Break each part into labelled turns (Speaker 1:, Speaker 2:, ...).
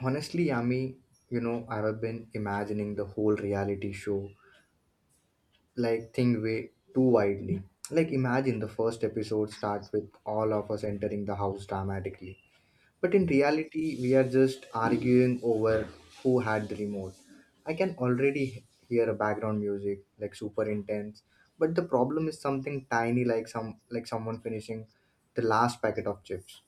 Speaker 1: Honestly, Yami, I've been imagining the whole reality show like thing way too widely. Like imagine the first episode start with all of us entering the house dramatically. But in reality, we are just arguing over who had the remote. I can already hear a background music like super intense, but the problem is something tiny like someone finishing the last packet of chips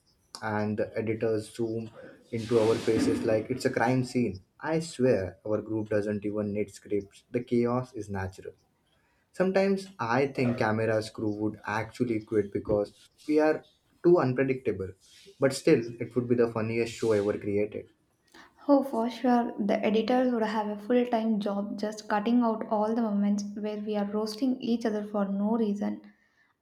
Speaker 1: and the editors zoom into our faces like it's a crime scene. I swear our group doesn't even need scripts. The chaos is natural. Sometimes I think camera crew would actually quit because we are too unpredictable. But still, it would be the funniest show ever created.
Speaker 2: Oh, for sure, the editors would have a full time job just cutting out all the moments where we are roasting each other for no reason.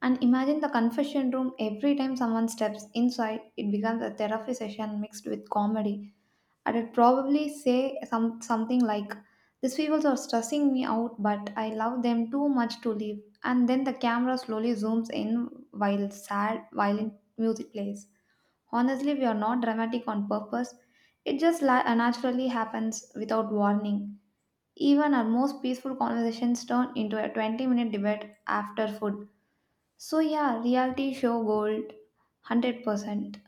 Speaker 2: And imagine the confession room every time someone steps inside, it becomes a therapy session mixed with comedy. I would probably say something like, these people are stressing me out, but I love them too much to leave. And then the camera slowly zooms in while sad, violent music plays. Honestly, we are not dramatic on purpose. It just naturally happens without warning. Even our most peaceful conversations turn into a 20-minute debate after food. So, yeah, reality show gold 100%.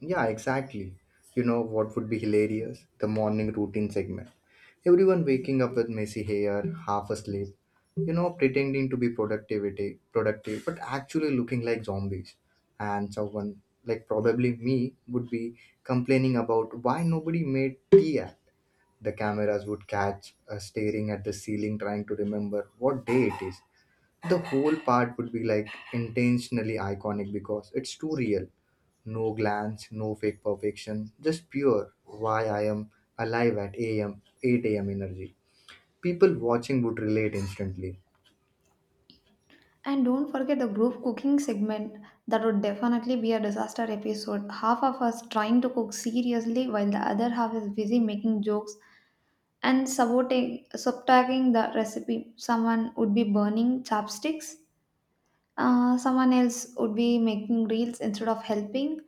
Speaker 1: Yeah, exactly. You know what would be hilarious? The morning routine segment. Everyone waking up with messy hair, half asleep, pretending to be productivity productive, but actually looking like zombies. And someone like probably me would be complaining about why nobody made tea. The cameras would catch us staring at the ceiling trying to remember what day it is. The whole part would be like intentionally iconic because it's too real. No glance, no fake perfection, just pure why I am alive at 8 AM energy. People watching would relate instantly.
Speaker 2: And don't forget the group cooking segment. That would definitely be a disaster episode. Half of us trying to cook seriously while the other half is busy making jokes and subtracting the recipe. Someone would be burning chopsticks. Someone else would be making reels instead of helping,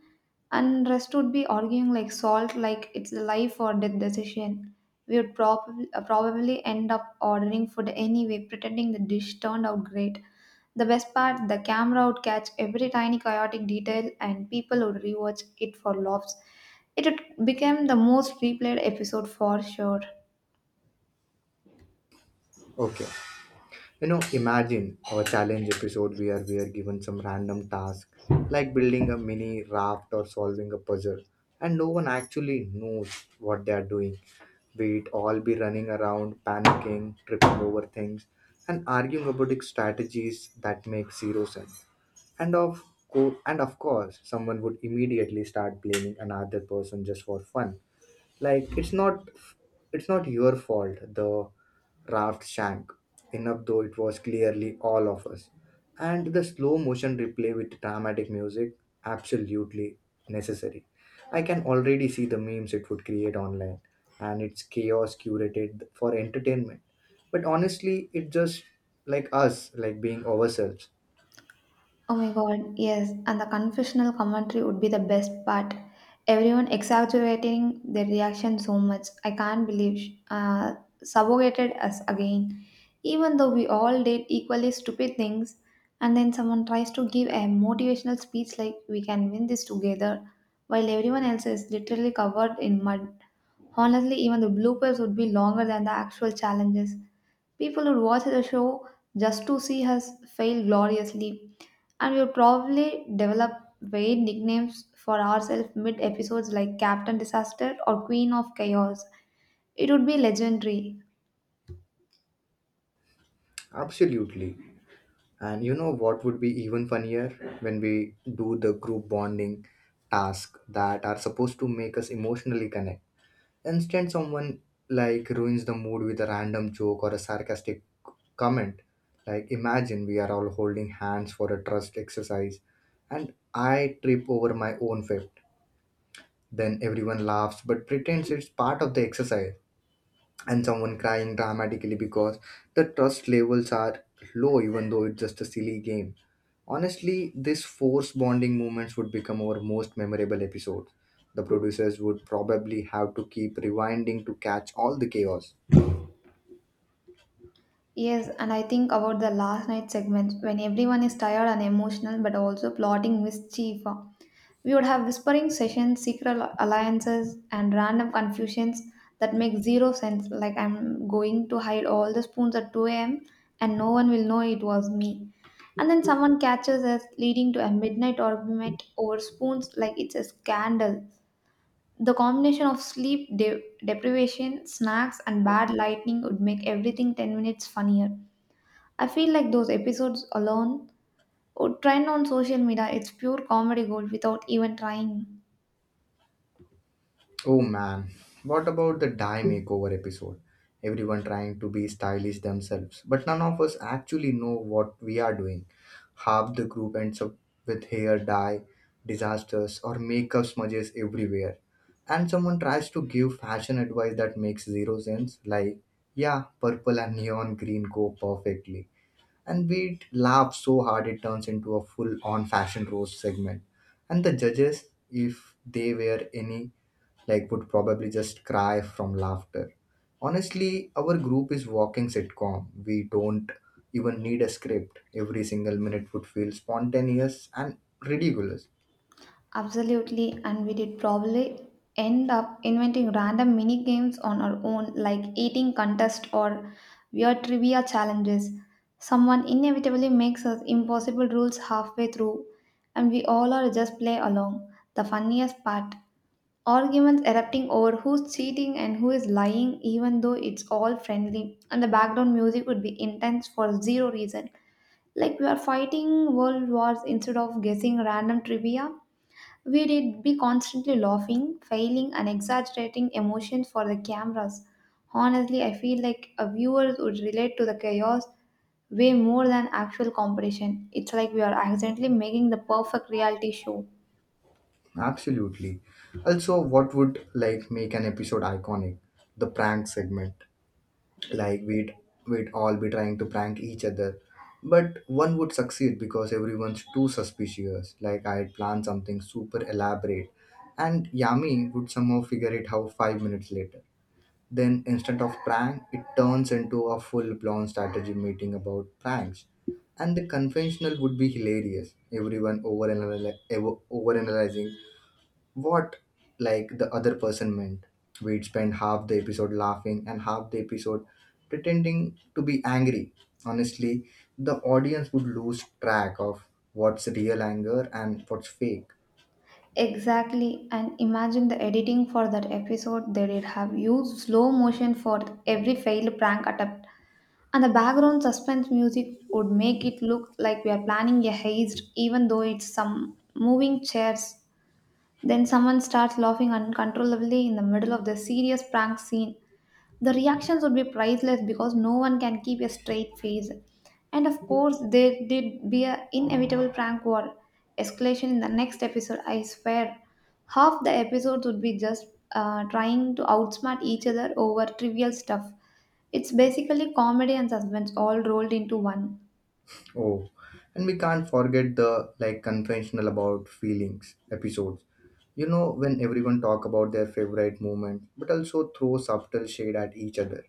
Speaker 2: and rest would be arguing like salt, like it's a life or death decision. We would probably probably end up ordering food anyway, pretending the dish turned out great. The best part, the camera would catch every tiny chaotic detail, and people would rewatch it for laughs. It would become the most replayed episode for sure.
Speaker 1: Okay. Imagine our challenge episode where we are given some random task like building a mini raft or solving a puzzle, and no one actually knows what they are doing. We'd all be running around, panicking, tripping over things, and arguing about strategies that make zero sense. And of and of course, someone would immediately start blaming another person just for fun like it's not your fault the raft sank enough though it was clearly all of us, and the slow motion replay with dramatic music absolutely necessary. I can already see the memes it would create online, and it's chaos curated for entertainment. But honestly, it just like us like being ourselves.
Speaker 2: Oh my god, yes, and the confessional commentary would be the best part. Everyone exaggerating their reaction so much. I can't believe subjugated us again. Even though we all did equally stupid things, and then someone tries to give a motivational speech like we can win this together, while everyone else is literally covered in mud. Honestly, even the bloopers would be longer than the actual challenges. People would watch the show just to see us fail gloriously, and we would probably develop weird nicknames for ourselves mid episodes like Captain Disaster or Queen of Chaos. It would be legendary.
Speaker 1: Absolutely. And you know what would be even funnier when we do the group bonding tasks that are supposed to make us emotionally connect. Instead, someone like ruins the mood with a random joke or a sarcastic comment. Like, imagine we are all holding hands for a trust exercise, and I trip over my own fib. Then everyone laughs but pretends it's part of the exercise, and someone crying dramatically because the trust levels are low even though it's just a silly game. Honestly, this force bonding moments would become our most memorable episode. The producers would probably have to keep rewinding to catch all the chaos.
Speaker 2: Yes, and I think about the last night segment when everyone is tired and emotional but also plotting mischief. We would have whispering sessions, secret alliances, and random confusions that make zero sense. Like, I'm going to hide all the spoons at 2 a.m., and no one will know it was me. And then someone catches us, leading to a midnight argument over spoons, like it's a scandal. The combination of deprivation, snacks, and bad lighting would make everything 10 minutes funnier. I feel like those episodes alone would trend on social media. It's pure comedy gold without even trying.
Speaker 1: Oh man, what about the dye makeover episode? Everyone trying to be stylish themselves, but none of us actually know what we are doing. Half the group ends up with hair dye disasters or makeup smudges everywhere. And someone tries to give fashion advice that makes zero sense, like, yeah, purple and neon green go perfectly. And we laugh so hard it turns into a full on fashion roast segment. And the judges, if they were any, like would probably just cry from laughter. Honestly, our group is walking sitcom. We don't even need a script. Every single minute would feel spontaneous and ridiculous.
Speaker 2: Absolutely, and we did probably end up inventing random mini games on our own, like eating contest or weird trivia challenges. Someone inevitably makes us impossible rules halfway through, and we all are just play along. The funniest part, arguments erupting over who's cheating and who is lying, even though it's all friendly, and the background music would be intense for zero reason. Like we are fighting world wars instead of guessing random trivia. We did be constantly laughing, failing, and exaggerating emotions for the cameras. Honestly, I feel like a viewer would relate to the chaos way more than actual competition. It's like we are accidentally making the perfect reality show.
Speaker 1: Absolutely. Also, what would like make an episode iconic? The prank segment. like we'd We'd all be trying to prank each other, but one would succeed because everyone's too suspicious. Like, I'd plan something super elaborate, and Yami would somehow figure it out 5 minutes later. Then instead of prank, it turns into a full-blown strategy meeting about pranks, and the conventional would be hilarious, everyone overanalyzing what like the other person meant. We'd spend half the episode laughing and half the episode pretending to be angry. Honestly, the audience would lose track of what's real anger and what's fake.
Speaker 2: Exactly, and imagine the editing for that episode. They did have used slow motion for every failed prank attempt, and the background suspense music would make it look like we are planning a heist, even though it's some moving chairs. Then someone starts laughing uncontrollably in the middle of the serious prank scene. The reactions would be priceless because no one can keep a straight face. And of course, there did be an inevitable prank war escalation in the next episode. I swear, half the episodes would be just trying to outsmart each other over trivial stuff. It's basically comedy and suspense all rolled into one.
Speaker 1: Oh, and we can't forget the like conventional about feelings episodes. You know when everyone talk about their favorite moment, but also throw subtle shade at each other.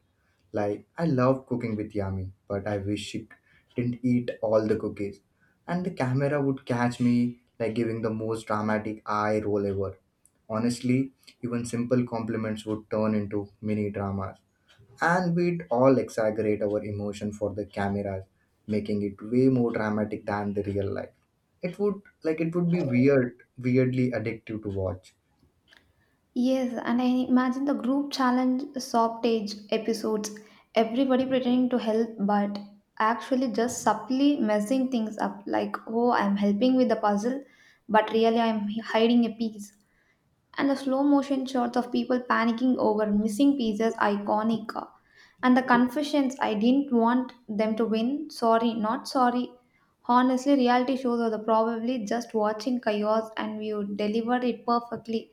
Speaker 1: Like I love cooking with Yami, but I wish she didn't eat all the cookies. And the camera would catch me like giving the most dramatic eye roll ever. Honestly, even simple compliments would turn into mini dramas. And we'd all exaggerate our emotion for the cameras, making it way more dramatic than the real life. It would be weird, weirdly addictive to watch.
Speaker 2: Yes, and I imagine the group challenge softage episodes, everybody pretending to help but actually just subtly messing things up like, oh, I'm helping with the puzzle, but really I'm hiding a piece. And the slow motion shots of people panicking over missing pieces are iconic. And the confessions, I didn't want them to win. Sorry, not sorry. Honestly, reality shows are the probably just watching chaos and you delivered it perfectly.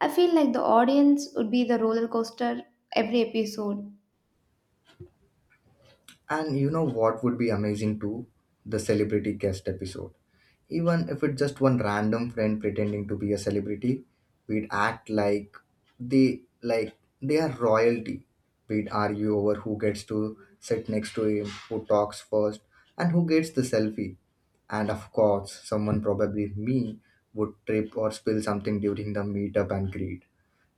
Speaker 2: I feel like the audience would be the roller coaster every episode.
Speaker 1: And you know what would be amazing too? The celebrity guest episode. Even if it's just one random friend pretending to be a celebrity, we'd act like they are royalty. We'd argue over who gets to sit next to him, who talks first, and who gets the selfie. And of course, someone probably me would trip or spill something during the meetup and greet.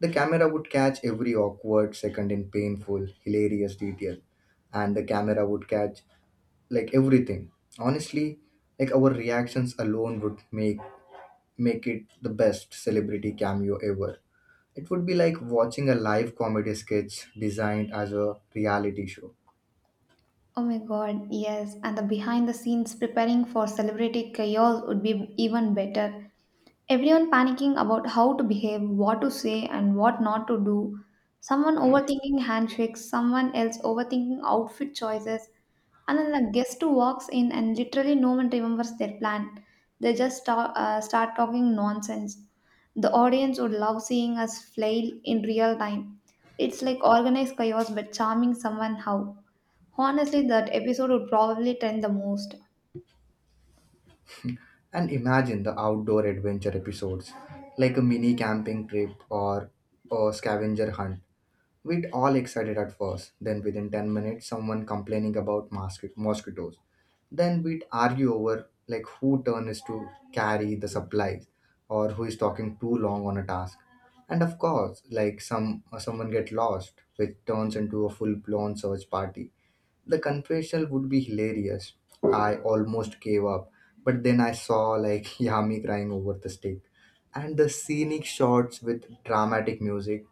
Speaker 1: The camera would catch every awkward second in painful, hilarious detail, and the camera would catch like everything. Honestly, like our reactions alone would make it the best celebrity cameo ever. It would be like watching a live comedy sketch designed as a reality show.
Speaker 2: Oh my god, yes, and the behind the scenes preparing for celebrity chaos would be even better. Everyone panicking about how to behave, what to say, and what not to do. Someone overthinking handshakes, someone else overthinking outfit choices, and then the guest who walks in and literally no one remembers their plan. They just start talking nonsense. The audience would love seeing us flail in real time. It's like organized chaos but charming someone how. Honestly, that episode would probably trend the most.
Speaker 1: And imagine the outdoor adventure episodes like a mini camping trip or a scavenger hunt. We'd all excited at first, then within 10 minutes, someone complaining about mosquitoes. Then we'd argue over like who turn is to carry the supplies or who is talking too long on a task. And of course, like someone get lost, which turns into a full-blown search party. The confessional would be hilarious. I almost gave up, but then I saw like Yami crying over the stick. And the scenic shots with dramatic music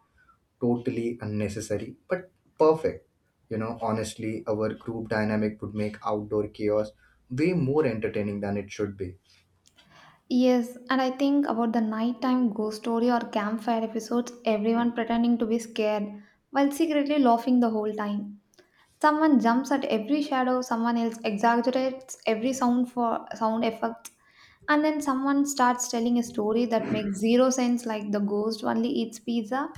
Speaker 1: totally unnecessary but perfect. You know, honestly, our group dynamic would make outdoor chaos way more entertaining than it should be.
Speaker 2: Yes, and I think about the nighttime ghost story or campfire episodes, everyone pretending to be scared while secretly laughing the whole time. Someone jumps at every shadow, someone else exaggerates every sound for sound effects, and then someone starts telling a story that makes zero sense like the ghost only eats pizza.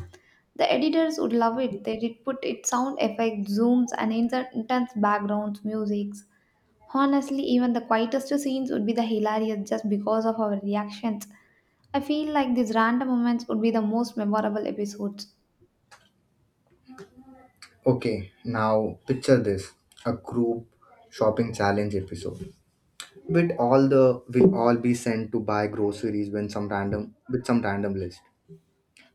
Speaker 2: The editors would love it. They did put it sound effects, zooms, and insert intense backgrounds, musics. Honestly, even the quietest scenes would be the hilarious just because of our reactions. I feel like these random moments would be the most memorable episodes.
Speaker 1: Okay, now picture this, a group shopping challenge episode. With all the we'll all be sent to buy groceries when some random with some random list,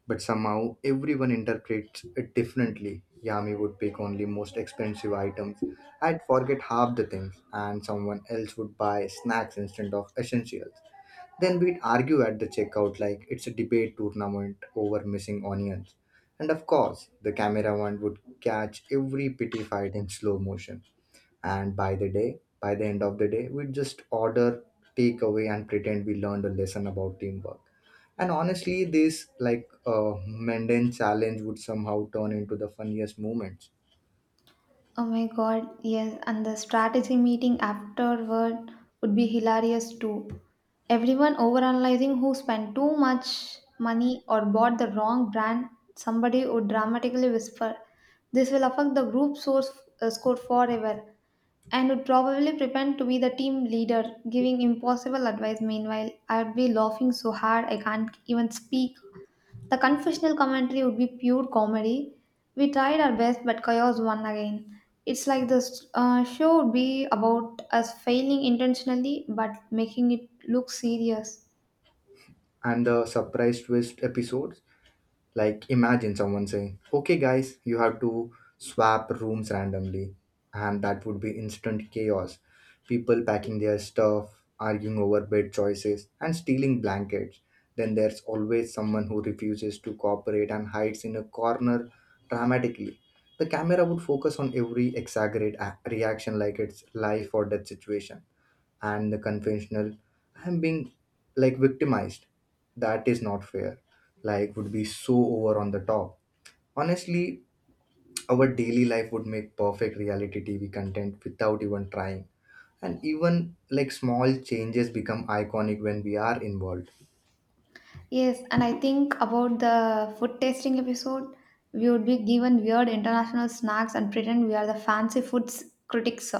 Speaker 1: but somehow everyone interprets it differently. Yami would pick only most expensive items. I'd forget half the things, and someone else would buy snacks instead of essentials. Then we'd argue at the checkout like it's a debate tournament over missing onions. And of course, the cameraman would catch every pity fight in slow motion. And by the day, By the end of the day, we'd just order takeaway and pretend we learned a lesson about teamwork. And honestly, this like mundane challenge would somehow turn into the funniest moments.
Speaker 2: Oh my god, yes, and the strategy meeting afterward would be hilarious too. Everyone overanalyzing who spent too much money or bought the wrong brand, somebody would dramatically whisper, this will affect the group source score forever. And would probably pretend to be the team leader, giving impossible advice. Meanwhile, I'd be laughing so hard I can't even speak. The confessional commentary would be pure comedy. We tried our best, but chaos won again. It's like this show would be about us failing intentionally but making it look serious.
Speaker 1: And the surprise twist episodes. Like, imagine someone saying, okay, guys, you have to swap rooms randomly, and that would be instant chaos. People packing their stuff, arguing over bed choices, and stealing blankets. Then there's always someone who refuses to cooperate and hides in a corner dramatically. The camera would focus on every reaction like it's life or death situation. And the conventional, I'm being like victimized, that is not fair, like would be so over on the top. Honestly, our daily life would make perfect reality TV content without even trying, and even like small changes become iconic when we are involved.
Speaker 2: Yes, and I think about the food tasting episode. We would be given weird international snacks and pretend we are the fancy foods critics.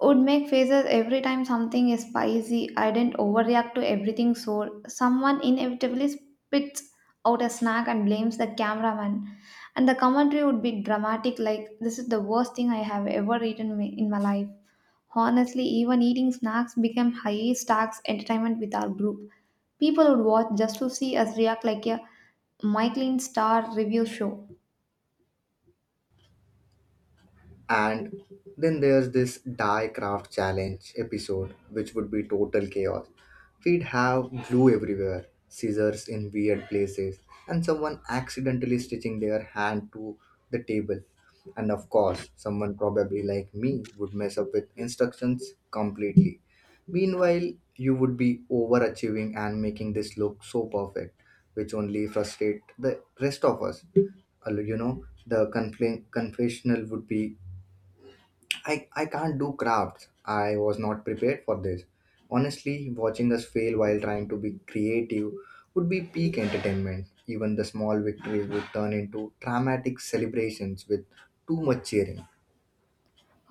Speaker 2: Would make faces every time something is spicy. I didn't overreact to everything sour. Someone inevitably spits out a snack and blames the cameraman. And the commentary would be dramatic, like, this is the worst thing I have ever eaten in my life. Honestly, even eating snacks became high stakes entertainment with our group. People would watch just to see us react like a Michelin star review show.
Speaker 1: And then there's this die craft challenge episode, which would be total chaos. We'd have glue everywhere, scissors in weird places, and someone accidentally stitching their hand to the table. And of course, someone probably like me would mess up with instructions completely. Meanwhile, you would be overachieving and making this look so perfect, which only frustrate the rest of us. Although, you know, the confessional would be I, can't do crafts. I was not prepared for this. Honestly, watching us fail while trying to be creative would be peak entertainment. Even the small victories would turn into dramatic celebrations with too much cheering.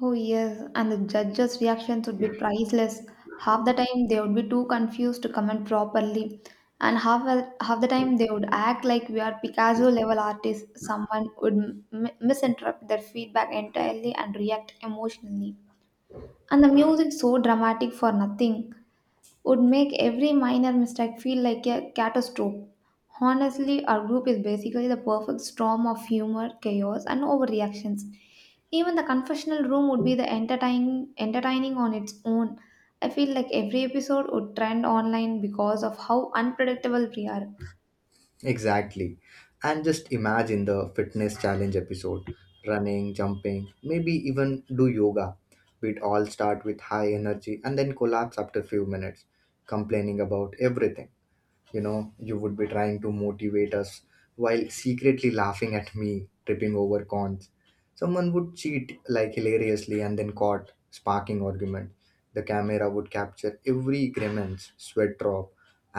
Speaker 2: Oh, yes, and the judges' reactions would be priceless. Half the time they would be too confused to comment properly, and half the time they would act like we are Picasso level artists. Someone would misinterpret their feedback entirely and react emotionally. And the music so dramatic for nothing would make every minor mistake feel like a catastrophe. Honestly, our group is basically the perfect storm of humor, chaos, and overreactions. Even the confessional room would be entertaining on its own. I feel like every episode would trend online because of how unpredictable we are.
Speaker 1: Exactly. And just imagine the fitness challenge episode running, jumping, maybe even do yoga. We'd all start with high energy and then collapse after few minutes, complaining about everything. You know, you would be trying to motivate us while secretly laughing at me tripping over cons. Someone would cheat like hilariously and then caught sparking argument. The camera would capture every grimace, sweat drop,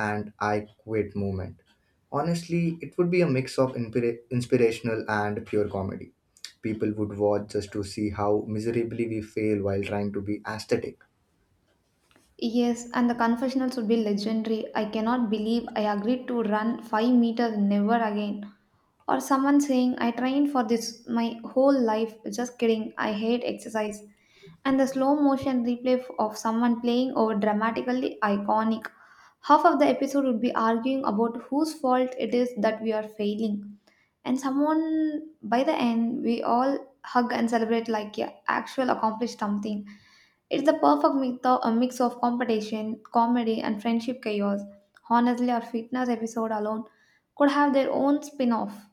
Speaker 1: and I quit moment. Honestly, it would be a mix of inspirational and pure comedy. People would watch just to see how miserably we fail while trying to be aesthetic.
Speaker 2: Yes, and the confessionals would be legendary. I cannot believe I agreed to run 5 meters never again. Or someone saying, I trained for this my whole life, just kidding, I hate exercise. And the slow motion replay of someone playing over dramatically iconic. Half of the episode would be arguing about whose fault it is that we are failing. And someone, by the end, we all hug and celebrate like yeah, actual accomplished something. It's the perfect a mix of competition, comedy, and friendship chaos. Honestly, our fitness episode alone could have their own spin off.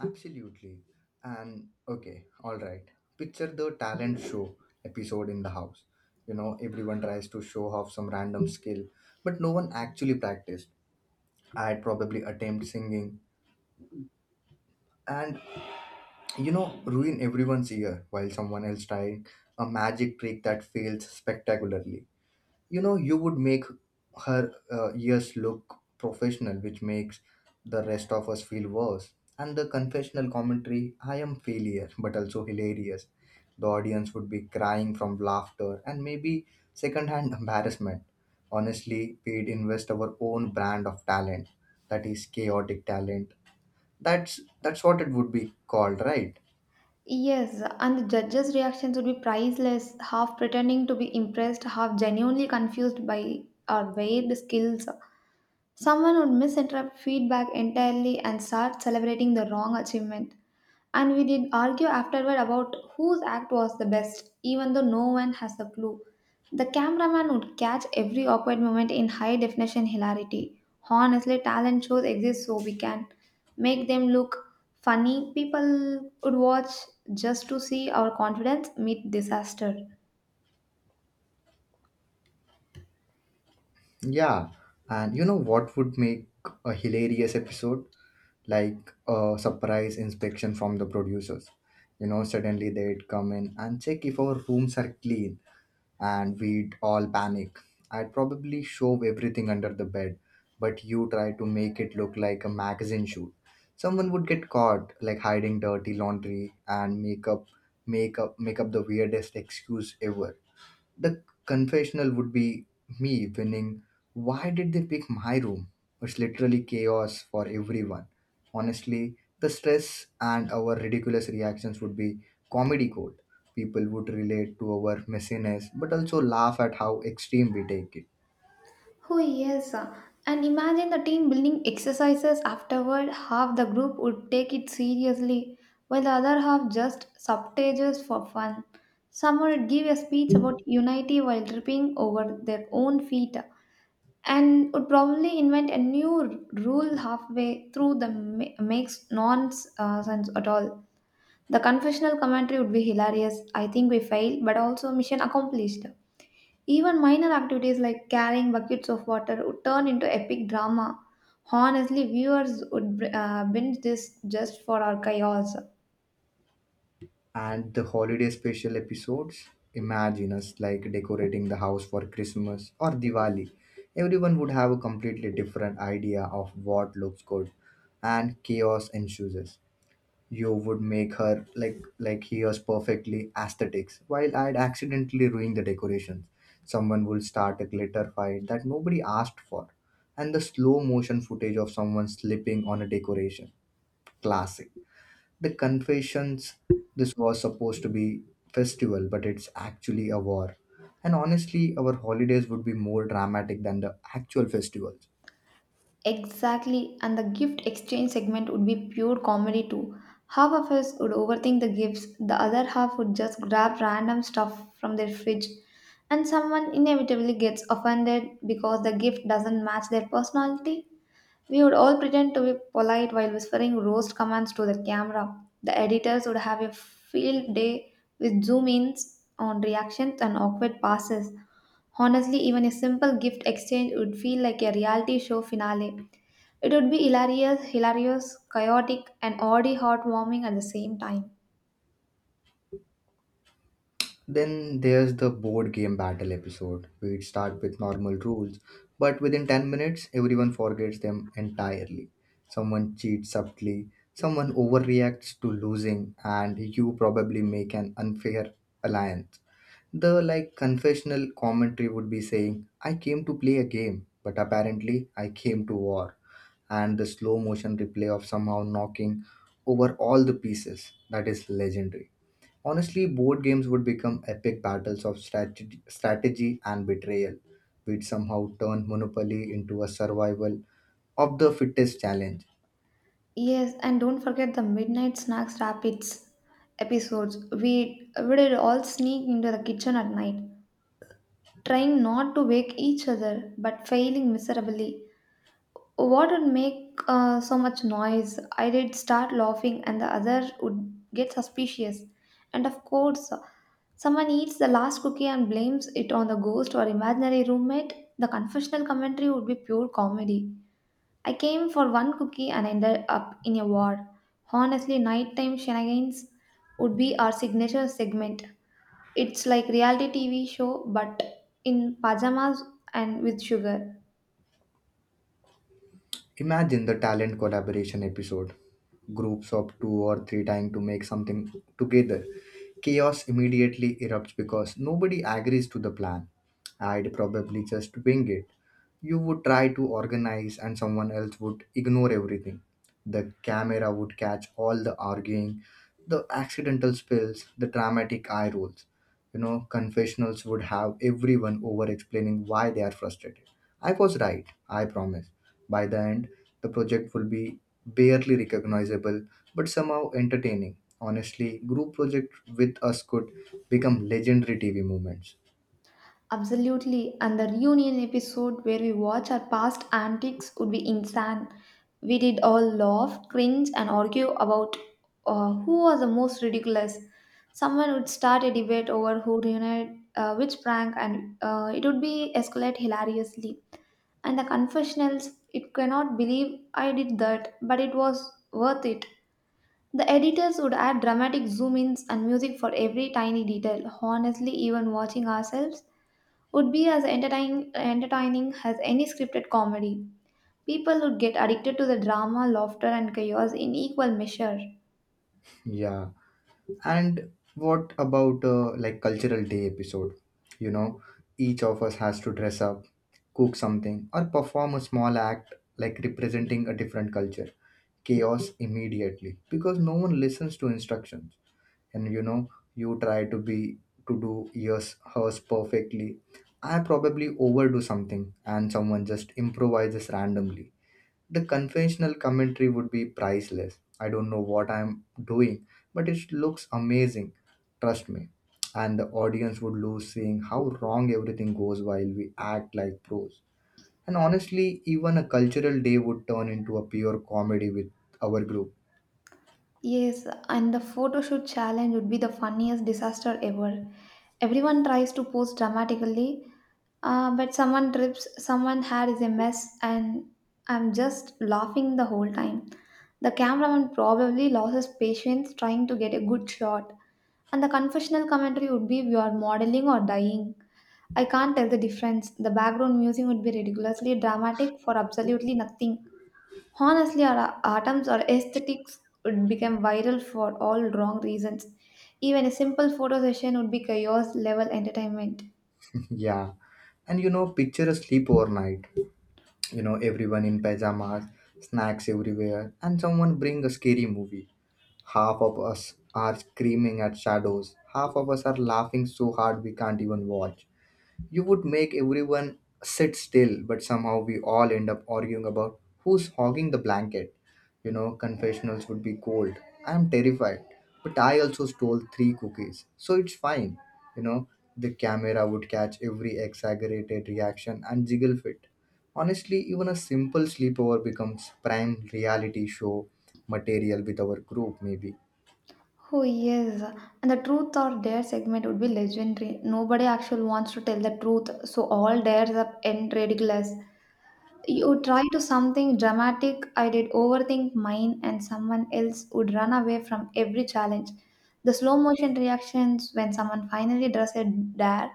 Speaker 1: Absolutely. And okay, all right. Picture the talent show episode in the house. You know, everyone tries to show off some random skill, but no one actually practiced. I'd probably attempt singing and, you know, ruin everyone's ear while someone else trying a magic trick that fails spectacularly. You know, you would make her ears look professional, which makes the rest of us feel worse. And the confessional commentary, I am failure but also hilarious. The audience would be crying from laughter and maybe secondhand embarrassment. Honestly, we'd invest our own brand of talent, that is chaotic talent. That's that's what it would be called, right?
Speaker 2: Yes, and the judges' reactions would be priceless, half pretending to be impressed, half genuinely confused by our varied skills. Someone would misinterpret feedback entirely and start celebrating the wrong achievement. And we did argue afterward about whose act was the best, even though no one has a clue. The cameraman would catch every awkward moment in high definition hilarity. Honestly, talent shows exist so we can make them look funny. People would watch just to see our confidence meet disaster.
Speaker 1: Yeah. And you know what would make a hilarious episode, like a surprise inspection from the producers. You know, suddenly they'd come in and check if our rooms are clean, and we'd all panic. I'd probably shove everything under the bed, but you try to make it look like a magazine shoot. Someone would get caught, like hiding dirty laundry and make up the weirdest excuse ever. The confessional would be me winning. Why did they pick my room? It's literally chaos for everyone. Honestly, the stress and our ridiculous reactions would be comedy gold. People would relate to our messiness but also laugh at how extreme we take it.
Speaker 2: Oh, yes. And imagine the team building exercises afterward. Half the group would take it seriously, while the other half just subtages for fun. Some would give a speech about unity while tripping over their own feet, and would probably invent a new rule halfway through that makes nonsense at all. The confessional commentary would be hilarious. I think we failed, but also mission accomplished. Even minor activities like carrying buckets of water would turn into epic drama. Honestly, viewers would binge this just for our chaos.
Speaker 1: And the holiday special episodes, imagine us like decorating the house for Christmas or Diwali. Everyone would have a completely different idea of what looks good, and chaos ensues. You would make her like here's perfectly aesthetics, while I'd accidentally ruin the decorations. Someone will start a glitter fight that nobody asked for. And the slow motion footage of someone slipping on a decoration. Classic. The confessions, this was supposed to be festival, but it's actually a war. And honestly, our holidays would be more dramatic than the actual festivals.
Speaker 2: Exactly, and the gift exchange segment would be pure comedy too. Half of us would overthink the gifts, the other half would just grab random stuff from their fridge, and someone inevitably gets offended because the gift doesn't match their personality. We would all pretend to be polite while whispering roast commands to the camera. The editors would have a field day with zoom ins on reactions and awkward passes. Honestly, even a simple gift exchange would feel like a reality show finale. It would be hilarious, chaotic, and oddly heartwarming at the same time.
Speaker 1: Then there's the board game battle episode. We'd start with normal rules, but within 10 minutes, everyone forgets them entirely. Someone cheats subtly, someone overreacts to losing, and you probably make an unfair alliance. The like confessional commentary would be saying, I came to play a game, but apparently I came to war. And the slow motion replay of somehow knocking over all the pieces, that is legendary. Honestly, board games would become epic battles of strategy and betrayal, which somehow turn Monopoly into a survival of the fittest challenge.
Speaker 2: Yes, and don't forget the midnight snacks rapids episodes. We would all sneak into the kitchen at night, trying not to wake each other but failing miserably. What would make so much noise? I did start laughing, and the other would get suspicious. And of course, someone eats the last cookie and blames it on the ghost or imaginary roommate. The confessional commentary would be pure comedy. I came for one cookie and ended up in a war. Honestly, nighttime shenanigans would be our signature segment. It's like reality TV show but in pajamas and with sugar.
Speaker 1: Imagine the talent collaboration episode. Groups of two or three trying to make something together. Chaos immediately erupts because nobody agrees to the plan. I'd probably just wing it. You would try to organize, and someone else would ignore everything. The camera would catch all the arguing, the accidental spills, the dramatic eye rolls. You know, confessionals would have everyone over explaining why they are frustrated. I was right, I promise. By the end, the project will be barely recognizable but somehow entertaining. Honestly, group project with us could become legendary TV moments.
Speaker 2: Absolutely, and the reunion episode where we watch our past antics would be insane. We did all laugh, cringe, and argue about who was the most ridiculous. Someone would start a debate over who reunited which prank, and it would be escalate hilariously. And the confessionals, it cannot believe I did that, but it was worth it. The editors would add dramatic zoom ins and music for every tiny detail. Honestly, even watching ourselves would be as entertaining as any scripted comedy. People would get addicted to the drama, laughter, and chaos in equal measure.
Speaker 1: Yeah. And what about like cultural day episode? You know, each of us has to dress up, cook something or perform a small act like representing a different culture. Chaos immediately because no one listens to instructions. And you know, you try to be to do yours, hers perfectly. I probably overdo something, and someone just improvises randomly. The conventional commentary would be priceless. I don't know what I'm doing, but it looks amazing, trust me. And the audience would lose seeing how wrong everything goes while we act like pros. And honestly, even a cultural day would turn into a pure comedy with our group.
Speaker 2: Yes, and the photo shoot challenge would be the funniest disaster ever. Everyone tries to pose dramatically, but someone trips, someone hair is a mess, and I'm just laughing the whole time. The cameraman probably loses patience trying to get a good shot, and the confessional commentary would be we are modeling or dying. I can't tell the difference. The background music would be ridiculously dramatic for absolutely nothing. Honestly, our atoms or aesthetics would become viral for all wrong reasons. Even a simple photo session would be chaos level entertainment.
Speaker 1: Yeah. And you know, picture a sleepover night. You know, everyone in pajamas, snacks everywhere, and someone bring a scary movie. Half of us are screaming at shadows, half of us are laughing so hard we can't even watch. You would make everyone sit still, but somehow we all end up arguing about who's hogging the blanket. You know, confessionals would be cold. I'm terrified, but I also stole three cookies, so it's fine. You know, the camera would catch every exaggerated reaction and jiggle fit. Honestly, even a simple sleepover becomes prime reality show material with our group, maybe.
Speaker 2: Oh yes, and the truth or dare segment would be legendary. Nobody actually wants to tell the truth, so all dares up end ridiculous. You try to something dramatic, I did overthink mine, and someone else would run away from every challenge. The slow motion reactions when someone finally does a dare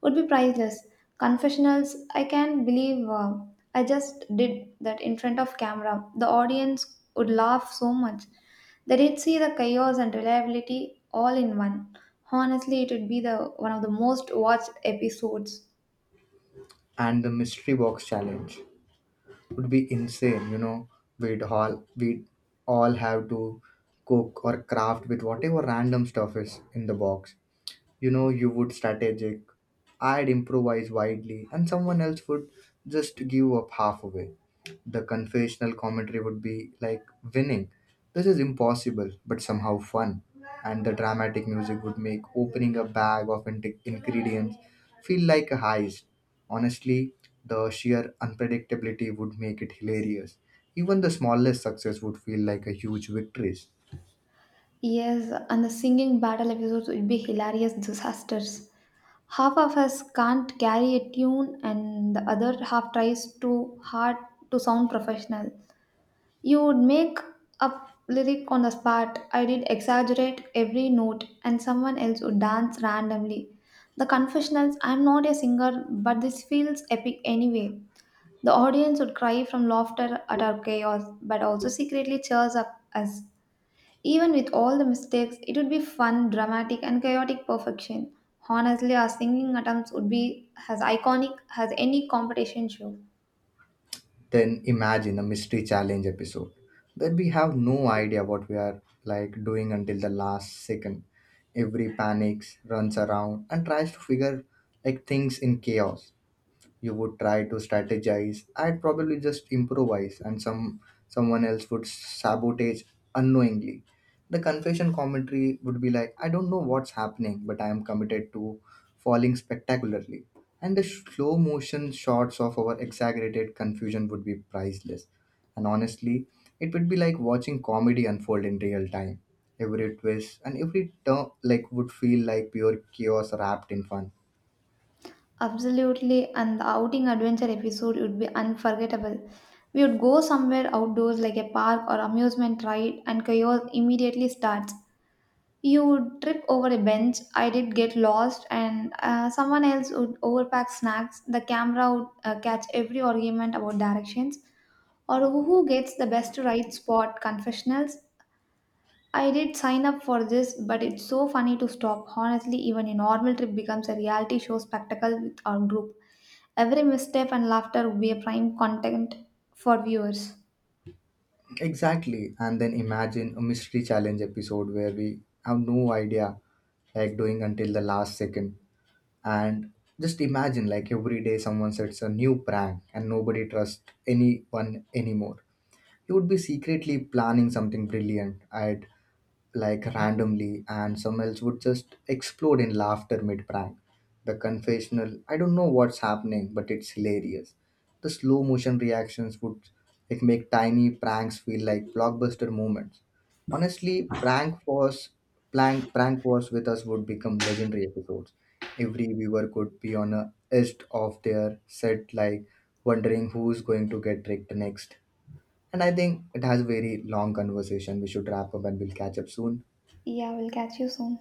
Speaker 2: would be priceless. Confessionals, I can't believe I just did that in front of camera. The audience would laugh so much. They did see the chaos and reliability all in one. Honestly, it would be the one of the most watched episodes.
Speaker 1: And the mystery box challenge would be insane. You know, we'd all we'd all have to cook or craft with whatever random stuff is in the box. You know, you would strategic, I'd improvise widely, and someone else would just give up half away. The confessional commentary would be like winning. This is impossible but somehow fun. And the dramatic music would make opening a bag of ingredients feel like a heist. Honestly, the sheer unpredictability would make it hilarious. Even the smallest success would feel like a huge victory.
Speaker 2: Yes, and the singing battle episodes would be hilarious disasters. Half of us can't carry a tune, and the other half tries too hard to sound professional. You would make up lyric on the spot. I did exaggerate every note, and someone else would dance randomly. The confessionals I'm not a singer, but this feels epic anyway. The audience would cry from laughter at our chaos, but also secretly cheers up us. Even with all the mistakes, it would be fun, dramatic, and chaotic perfection. Honestly, our singing attempts would be as iconic as any competition show.
Speaker 1: Then imagine a mystery challenge episode where we have no idea what we are like doing until the last second. Every panics, runs around and tries to figure like things in chaos. You would try to strategize, I'd probably just improvise, and someone else would sabotage unknowingly. The confession commentary would be like, I don't know what's happening, but I am committed to falling spectacularly. And the slow motion shots of our exaggerated confusion would be priceless. And honestly, it would be like watching comedy unfold in real time. Every twist and every turn like would feel like pure chaos wrapped in fun.
Speaker 2: Absolutely, and the outing adventure episode would be unforgettable. We would go somewhere outdoors like a park or amusement ride, and chaos immediately starts. You would trip over a bench, I did get lost, and someone else would overpack snacks. The camera would catch every argument about directions or who gets the best right spot confessionals. I did sign up for this, but it's so funny to stop. Honestly, even a normal trip becomes a reality show spectacle with our group. Every misstep and laughter will be a prime content for viewers.
Speaker 1: Exactly. And then imagine a mystery challenge episode where we have no idea like doing until the last second. And just imagine like every day someone sets a new prank and nobody trusts anyone anymore. You would be secretly planning something brilliant. I like randomly, and some else would just explode in laughter mid prank. The confessional, I don't know what's happening, but it's hilarious. The slow motion reactions would like make tiny pranks feel like blockbuster moments. Honestly, prank was prank prank wars with us would become legendary episodes. Every viewer could be on a edge of their set, like wondering who's going to get tricked next. And I think it has a very long conversation. We should wrap up and we'll catch up soon.
Speaker 2: Yeah, we'll catch you soon.